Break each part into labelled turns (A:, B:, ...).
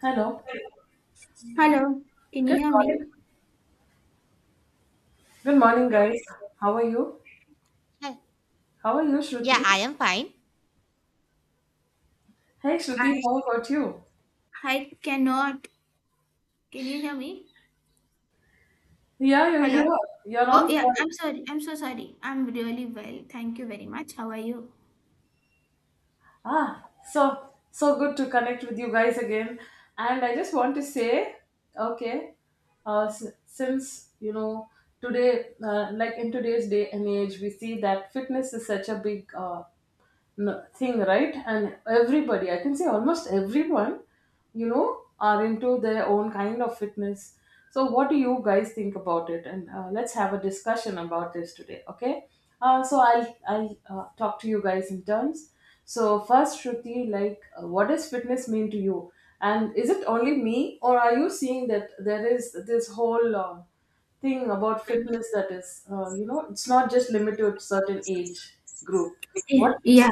A: Hello.
B: Hello, can you
A: Good
B: hear
A: morning.
B: me?
A: Good morning, guys. How are you?
C: Hi.
A: How are you,
C: Yeah,
A: Shruti?
C: I am fine.
A: Hey, Shruti,
B: I
A: how about you?
B: I cannot. Can you hear me?
A: Yeah, you're
B: Hello.
A: here.
B: Yeah,
A: You're
B: Oh
A: on
B: yeah,
A: call.
B: I'm sorry. I'm so sorry. I'm really well. Thank you very much. How are you?
A: Ah, so so good to connect with you guys again. And I just want to say, okay, since today, like in today's day and age, we see that fitness is such a big thing, right? And everybody, I can say almost everyone, are into their own kind of fitness. So, what do you guys think about it? And let's have a discussion about this today, okay? So, I'll talk to you guys in turns. So, first, Shruti, like, what does fitness mean to you? And is it only me, or are you seeing that there is this whole thing about
B: Fine.
A: fitness that is, it's not just limited to certain age group? What?
B: Yeah,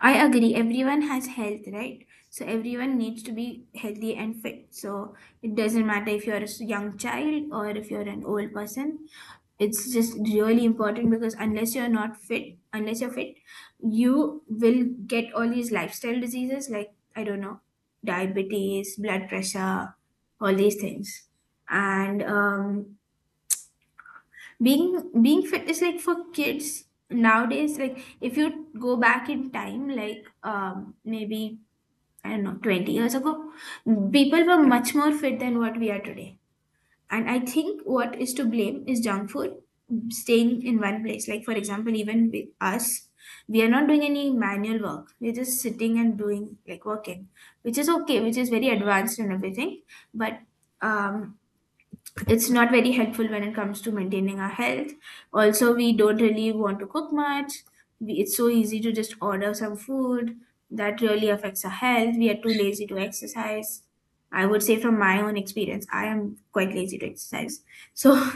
B: I agree. Everyone has health, right? So everyone needs to be healthy and fit. So it doesn't matter if you're a young child or if you're an old person. It's just really important because unless you're fit, you will get all these lifestyle diseases like, I don't know, diabetes, blood pressure, all these things. And Being fit is like for kids nowadays. Like, if you go back in time, like maybe, I don't know, 20 years ago, people were much more fit than what we are today. And I think what is to blame is junk food, staying in one place. Like, for example, even with us, we are not doing any manual work. We're just sitting and doing, like, working, which is okay, which is very advanced and everything. But um, it's not very helpful when it comes to maintaining our health. Also, we don't really want to cook much. We, it's so easy to just order some food that really affects our health. We are too lazy to exercise. I would say, from my own experience, I am quite lazy to exercise. So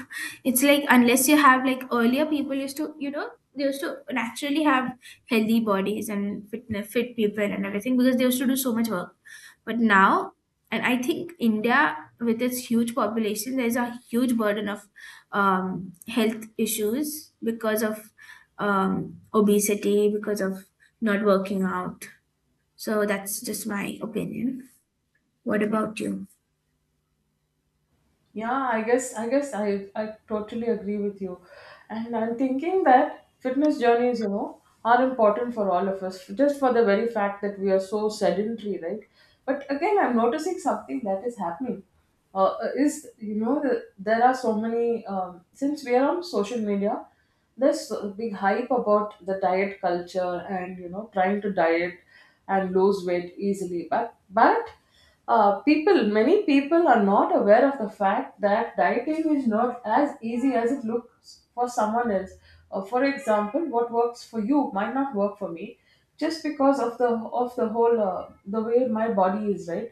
B: it's like, unless you have, like, earlier people used to, you know, they used to naturally have healthy bodies and fit people and everything because they used to do so much work. But now, and I think India, with its huge population, there's a huge burden of health issues because of obesity, because of not working out. So that's just my opinion. What about you?
A: Yeah, I guess I totally agree with you. And I'm thinking that fitness journeys, are important for all of us just for the very fact that we are so sedentary, right? But again, I'm noticing something that is happening. Is you know the, There are so many since we are on social media, there's a big hype about the diet culture and trying to diet and lose weight easily. But many people are not aware of the fact that dieting is not as easy as it looks for someone else. For example, what works for you might not work for me, just because of the whole the way my body is, right?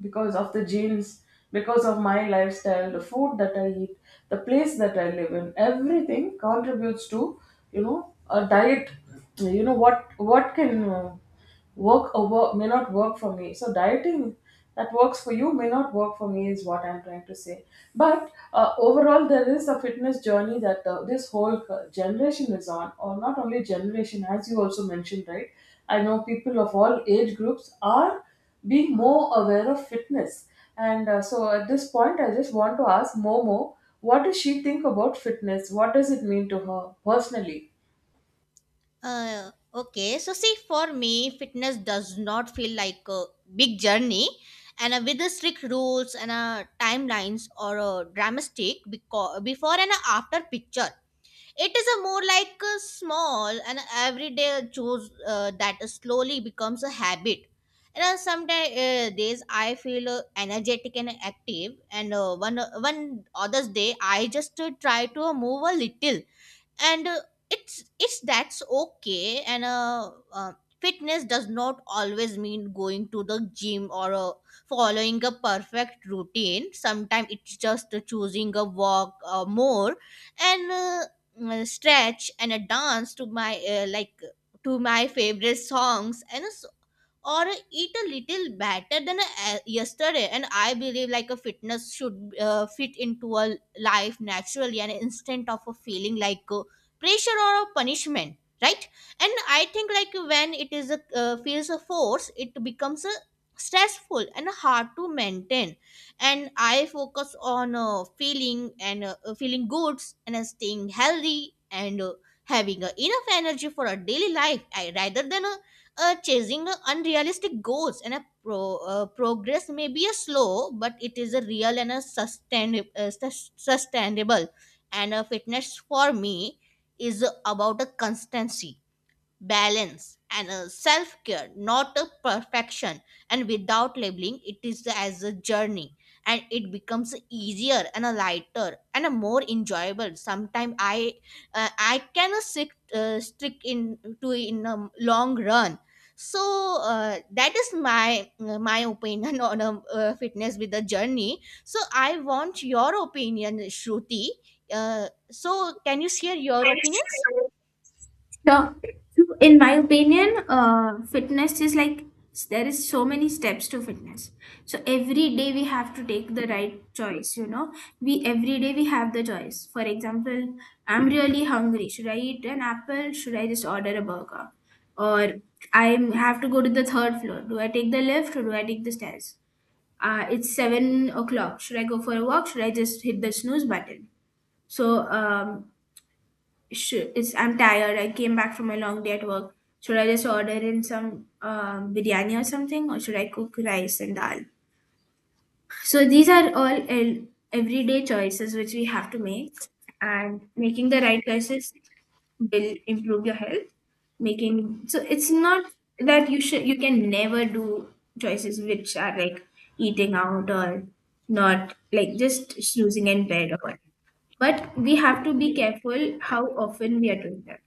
A: Because of the genes, because of my lifestyle, the food that I eat, the place that I live in, everything contributes to you know a diet. You know what can work or may not work for me. So dieting that works for you may not work for me is what I'm trying to say. But overall, there is a fitness journey that this whole generation is on, or not only generation, as you also mentioned, right? I know people of all age groups are being more aware of fitness. And so at this point, I just want to ask Momo, what does she think about fitness? What does it mean to her personally?
C: Okay, so see, for me, fitness does not feel like a big journey, and with the strict rules and timelines or a dramatic before and after picture. It is a more like a small and everyday choose that slowly becomes a habit. And sometimes days I feel energetic and active, and one others day I just try to move a little, and it's that's okay. And fitness does not always mean going to the gym or following a perfect routine. Sometimes it's just choosing a walk more, and stretch and a dance to my like to my favorite songs, and so or eat a little better than a, yesterday. And I believe like a fitness should fit into a life naturally and instead of a feeling like pressure or a punishment, right? And I think like when it is a feels a force, it becomes a stressful and hard to maintain. And I focus on feeling and feeling good and staying healthy and having enough energy for a daily life I, rather than a chasing unrealistic goals. And a progress may be a slow, but it is a real and a sustainable. And a fitness for me is about a constancy, balance, and a self-care, not a perfection. And without labeling it is as a journey, and it becomes easier and a lighter and a more enjoyable. Sometimes I cannot stick in to in a long run. So that is my my opinion on a fitness with a journey. So I want your opinion, Shruti. So can you share your
B: Thanks.
C: opinions?
B: So, so, in my opinion, fitness is like, there is so many steps to fitness. So every day we have to take the right choice. You know, we, every day we have the choice. For example, I'm really hungry. Should I eat an apple? Should I just order a burger? Or I have to go to the third floor. Do I take the lift or do I take the stairs? It's 7 o'clock. Should I go for a walk? Should I just hit the snooze button? So um, it's, I'm tired. I came back from a long day at work. Should I just order in some biryani or something, or should I cook rice and dal? So these are all everyday choices which we have to make, and making the right choices will improve your health. Making, so it's not that you should, you can never do choices which are like eating out or not, like just snoozing in bed or what. But we have to be careful how often we are doing that.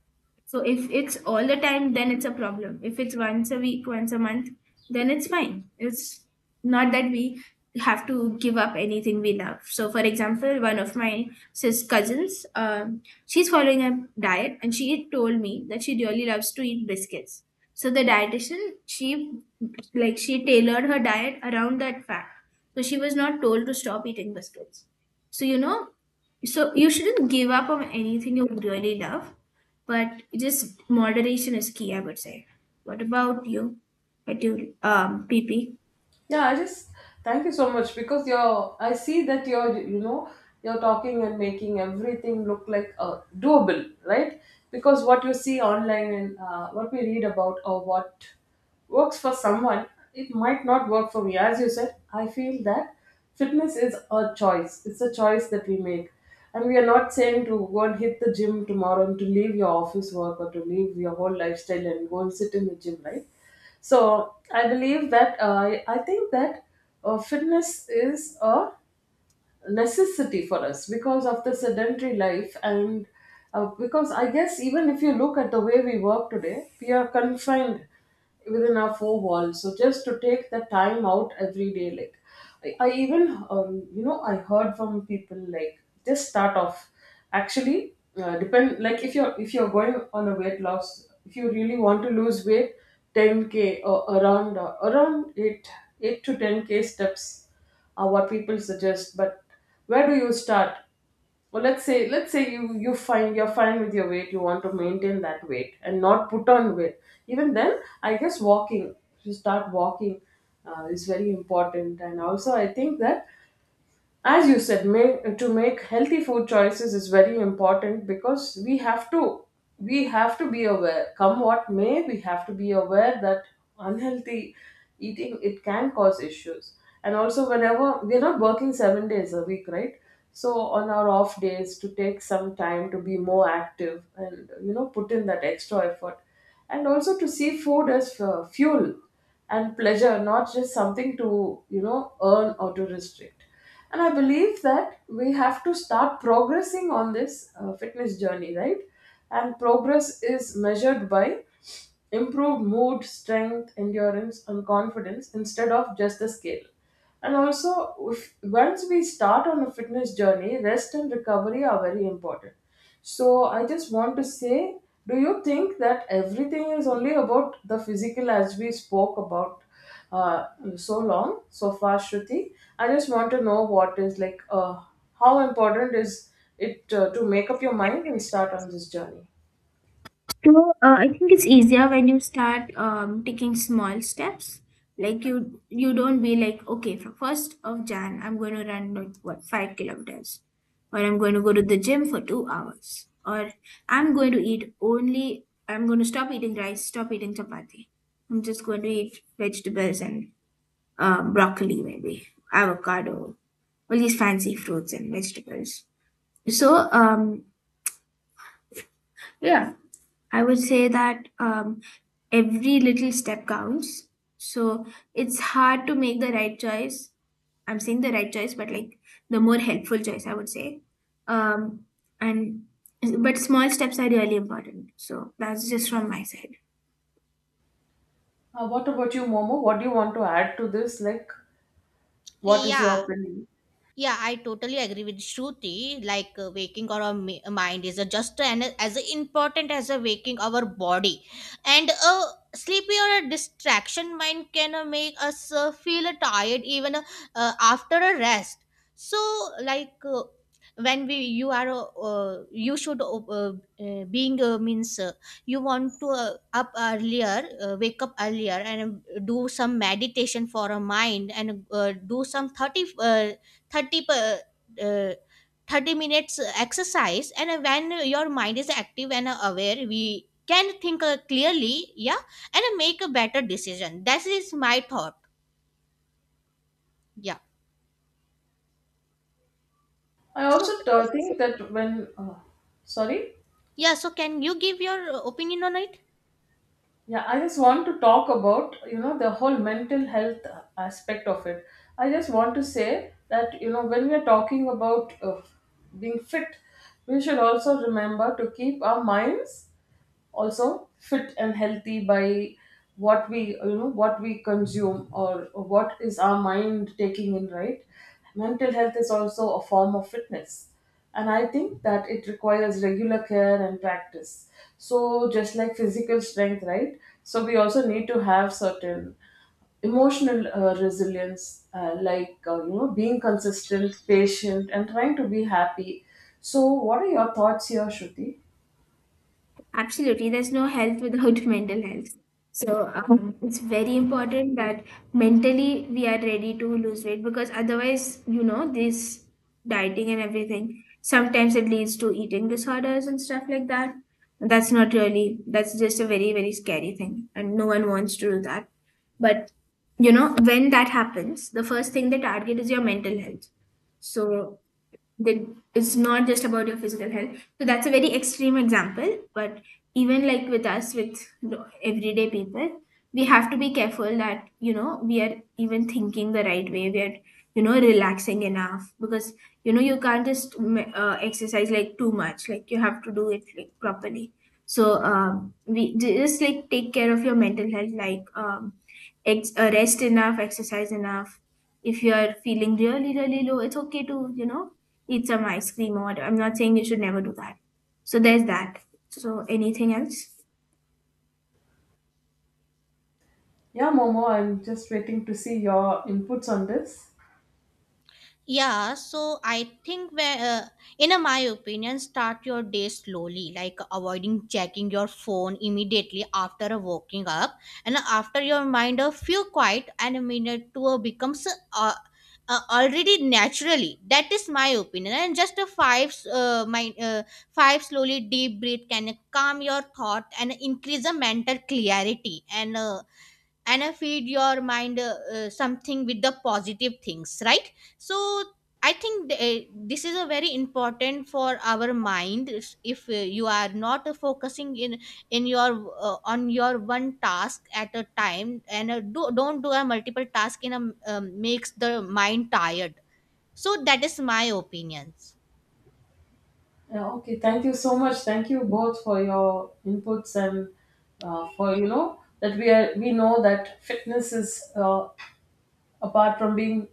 B: So if it's all the time, then it's a problem. If it's once a week, once a month, then it's fine. It's not that we have to give up anything we love. So, for example, one of my sis cousins, she's following a diet, and she told me that she really loves to eat biscuits. So the dietitian, she like, she tailored her diet around that fact. So she was not told to stop eating biscuits. So, you know, so you shouldn't give up on anything you really love, but just moderation is key, I would say. What about you? At you, PP.
A: Yeah, I just thank you so much because you're. I see that you're. You know, you're talking and making everything look like, doable, right? Because what you see online and what we read about, or what works for someone, it might not work for me. As you said, I feel that fitness is a choice. It's a choice that we make, and we are not saying to go and hit the gym tomorrow and to leave your office work or to leave your whole lifestyle and go and sit in the gym, right? So I believe that I think that fitness is a necessity for us because of the sedentary life. And because, I guess, even if you look at the way we work today, we are confined within our four walls. So just to take the time out every day, like I even I heard from people like, just start off actually. Depend, like, if you're going on a weight loss, if you really want to lose weight, 10K or around 8 8 to 10K steps, what people suggest. But where do you start? Well, let's say you find you're fine with your weight. You want to maintain that weight and not put on weight. Even then, I guess walking to start walking is very important. And also, I think that, as you said, to make healthy food choices is very important, because we have to be aware, come what may. We have to be aware that unhealthy eating, it can cause issues. And also, whenever we're not working 7 days a week, right? So on our off days, to take some time to be more active, and put in that extra effort. And also, to see food as fuel and pleasure, not just something to earn or to restrict. And I believe that we have to start progressing on this fitness journey, right? And progress is measured by improved mood, strength, endurance, and confidence, instead of just the scale. And also, if, once we start on a fitness journey, rest and recovery are very important. So I just want to say, do you think that everything is only about the physical, as we spoke about, uh, so far, Shruti? I just want to know what is like, how important is it to make up your mind and start on this journey?
B: So, I think it's easier when you start taking small steps. Like you don't be like, okay, from 1st of Jan, I'm going to run, like, what, 5 kilometers, or I'm going to go to the gym for 2 hours, or I'm going to eat only. I'm going to stop eating rice, stop eating chapati. I'm just going to eat vegetables and broccoli, maybe avocado, all these fancy fruits and vegetables. So, yeah, I would say that, every little step counts. So it's hard to make the right choice. I'm saying the right choice, but like, the more helpful choice, I would say. Um and But small steps are really important, so that's just from my side.
A: What about you, Momo? What do you want to add to this? Like, what is your
C: Yeah,
A: opinion?
C: yeah, I totally agree with Shruti. Like, waking our mind is just as important as a waking our body, and a sleepy or a distraction mind can make us feel tired even after a rest. So, like, when we you are you should being means you want to wake up earlier, and do some meditation for a mind, and do some thirty. Uh, 30 per, uh, 30 minutes exercise. And when your mind is active and aware, we can think clearly, yeah, and make a better decision. That is my thought, yeah.
A: I
C: So,
A: also think that when, sorry,
C: yeah, so can you give your opinion on it?
A: yeah, I just want to talk about, the whole mental health aspect of it. I just want to say that when we are talking about being fit, we should also remember to keep our minds also fit and healthy by what we consume, or what is our mind taking in, right? Mental health is also a form of fitness, and I think that it requires regular care and practice, so just like physical strength, right? So we also need to have certain emotional resilience, like, being consistent, patient, and trying to be happy. So what are your thoughts here, Shruti?
B: Absolutely, there's no health without mental health. So it's very important that mentally we are ready to lose weight, because otherwise, you know, this dieting and everything, sometimes it leads to eating disorders and stuff like that. That's not really, that's just a very scary thing. And no one wants to do that. But, you know, when that happens, the first thing they target is your mental health. So that, it's not just about your physical health. So that's a very extreme example, but even like with us, with the everyday people, we have to be careful that, you know, we are even thinking the right way, we are, you know, relaxing enough. Because, you know, you can't just exercise like too much, like you have to do it like properly. So we just like take care of your mental health, like rest enough, exercise enough. If you are feeling really low, it's okay to, you know, eat some ice cream or whatever. I'm not saying you should never do that. So there's that. So anything else?
A: Yeah, Momo, I'm just waiting to see your inputs on this.
C: Yeah, so I think where, in a, my opinion, start your day slowly, like avoiding checking your phone immediately after a waking up, and after your mind a few quiet and a minute to a becomes already naturally. That is my opinion, and just a five slowly deep breath can calm your thought and increase the mental clarity, and feed your mind something with the positive things, right? So I think this is a very important for our mind. If you are not focusing in your on your one task at a time, and don't do a multiple task in a makes the mind tired. So that is my opinions.
A: Yeah, okay, thank you so much. Thank you both for your inputs, and for, that we know that fitness is, apart from being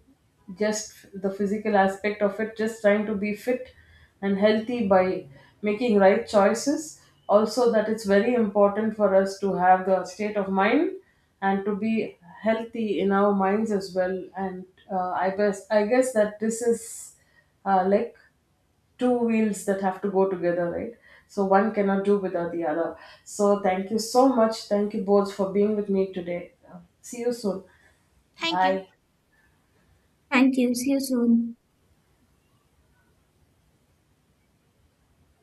A: just the physical aspect of it, just trying to be fit and healthy by making right choices, also that it's very important for us to have the state of mind and to be healthy in our minds as well. And I guess that this is like two wheels that have to go together, right? So one cannot do without the other. So thank you so much. Thank you both for being with me today. See you soon.
C: Thank you.
A: Bye.
B: Thank you. See you soon.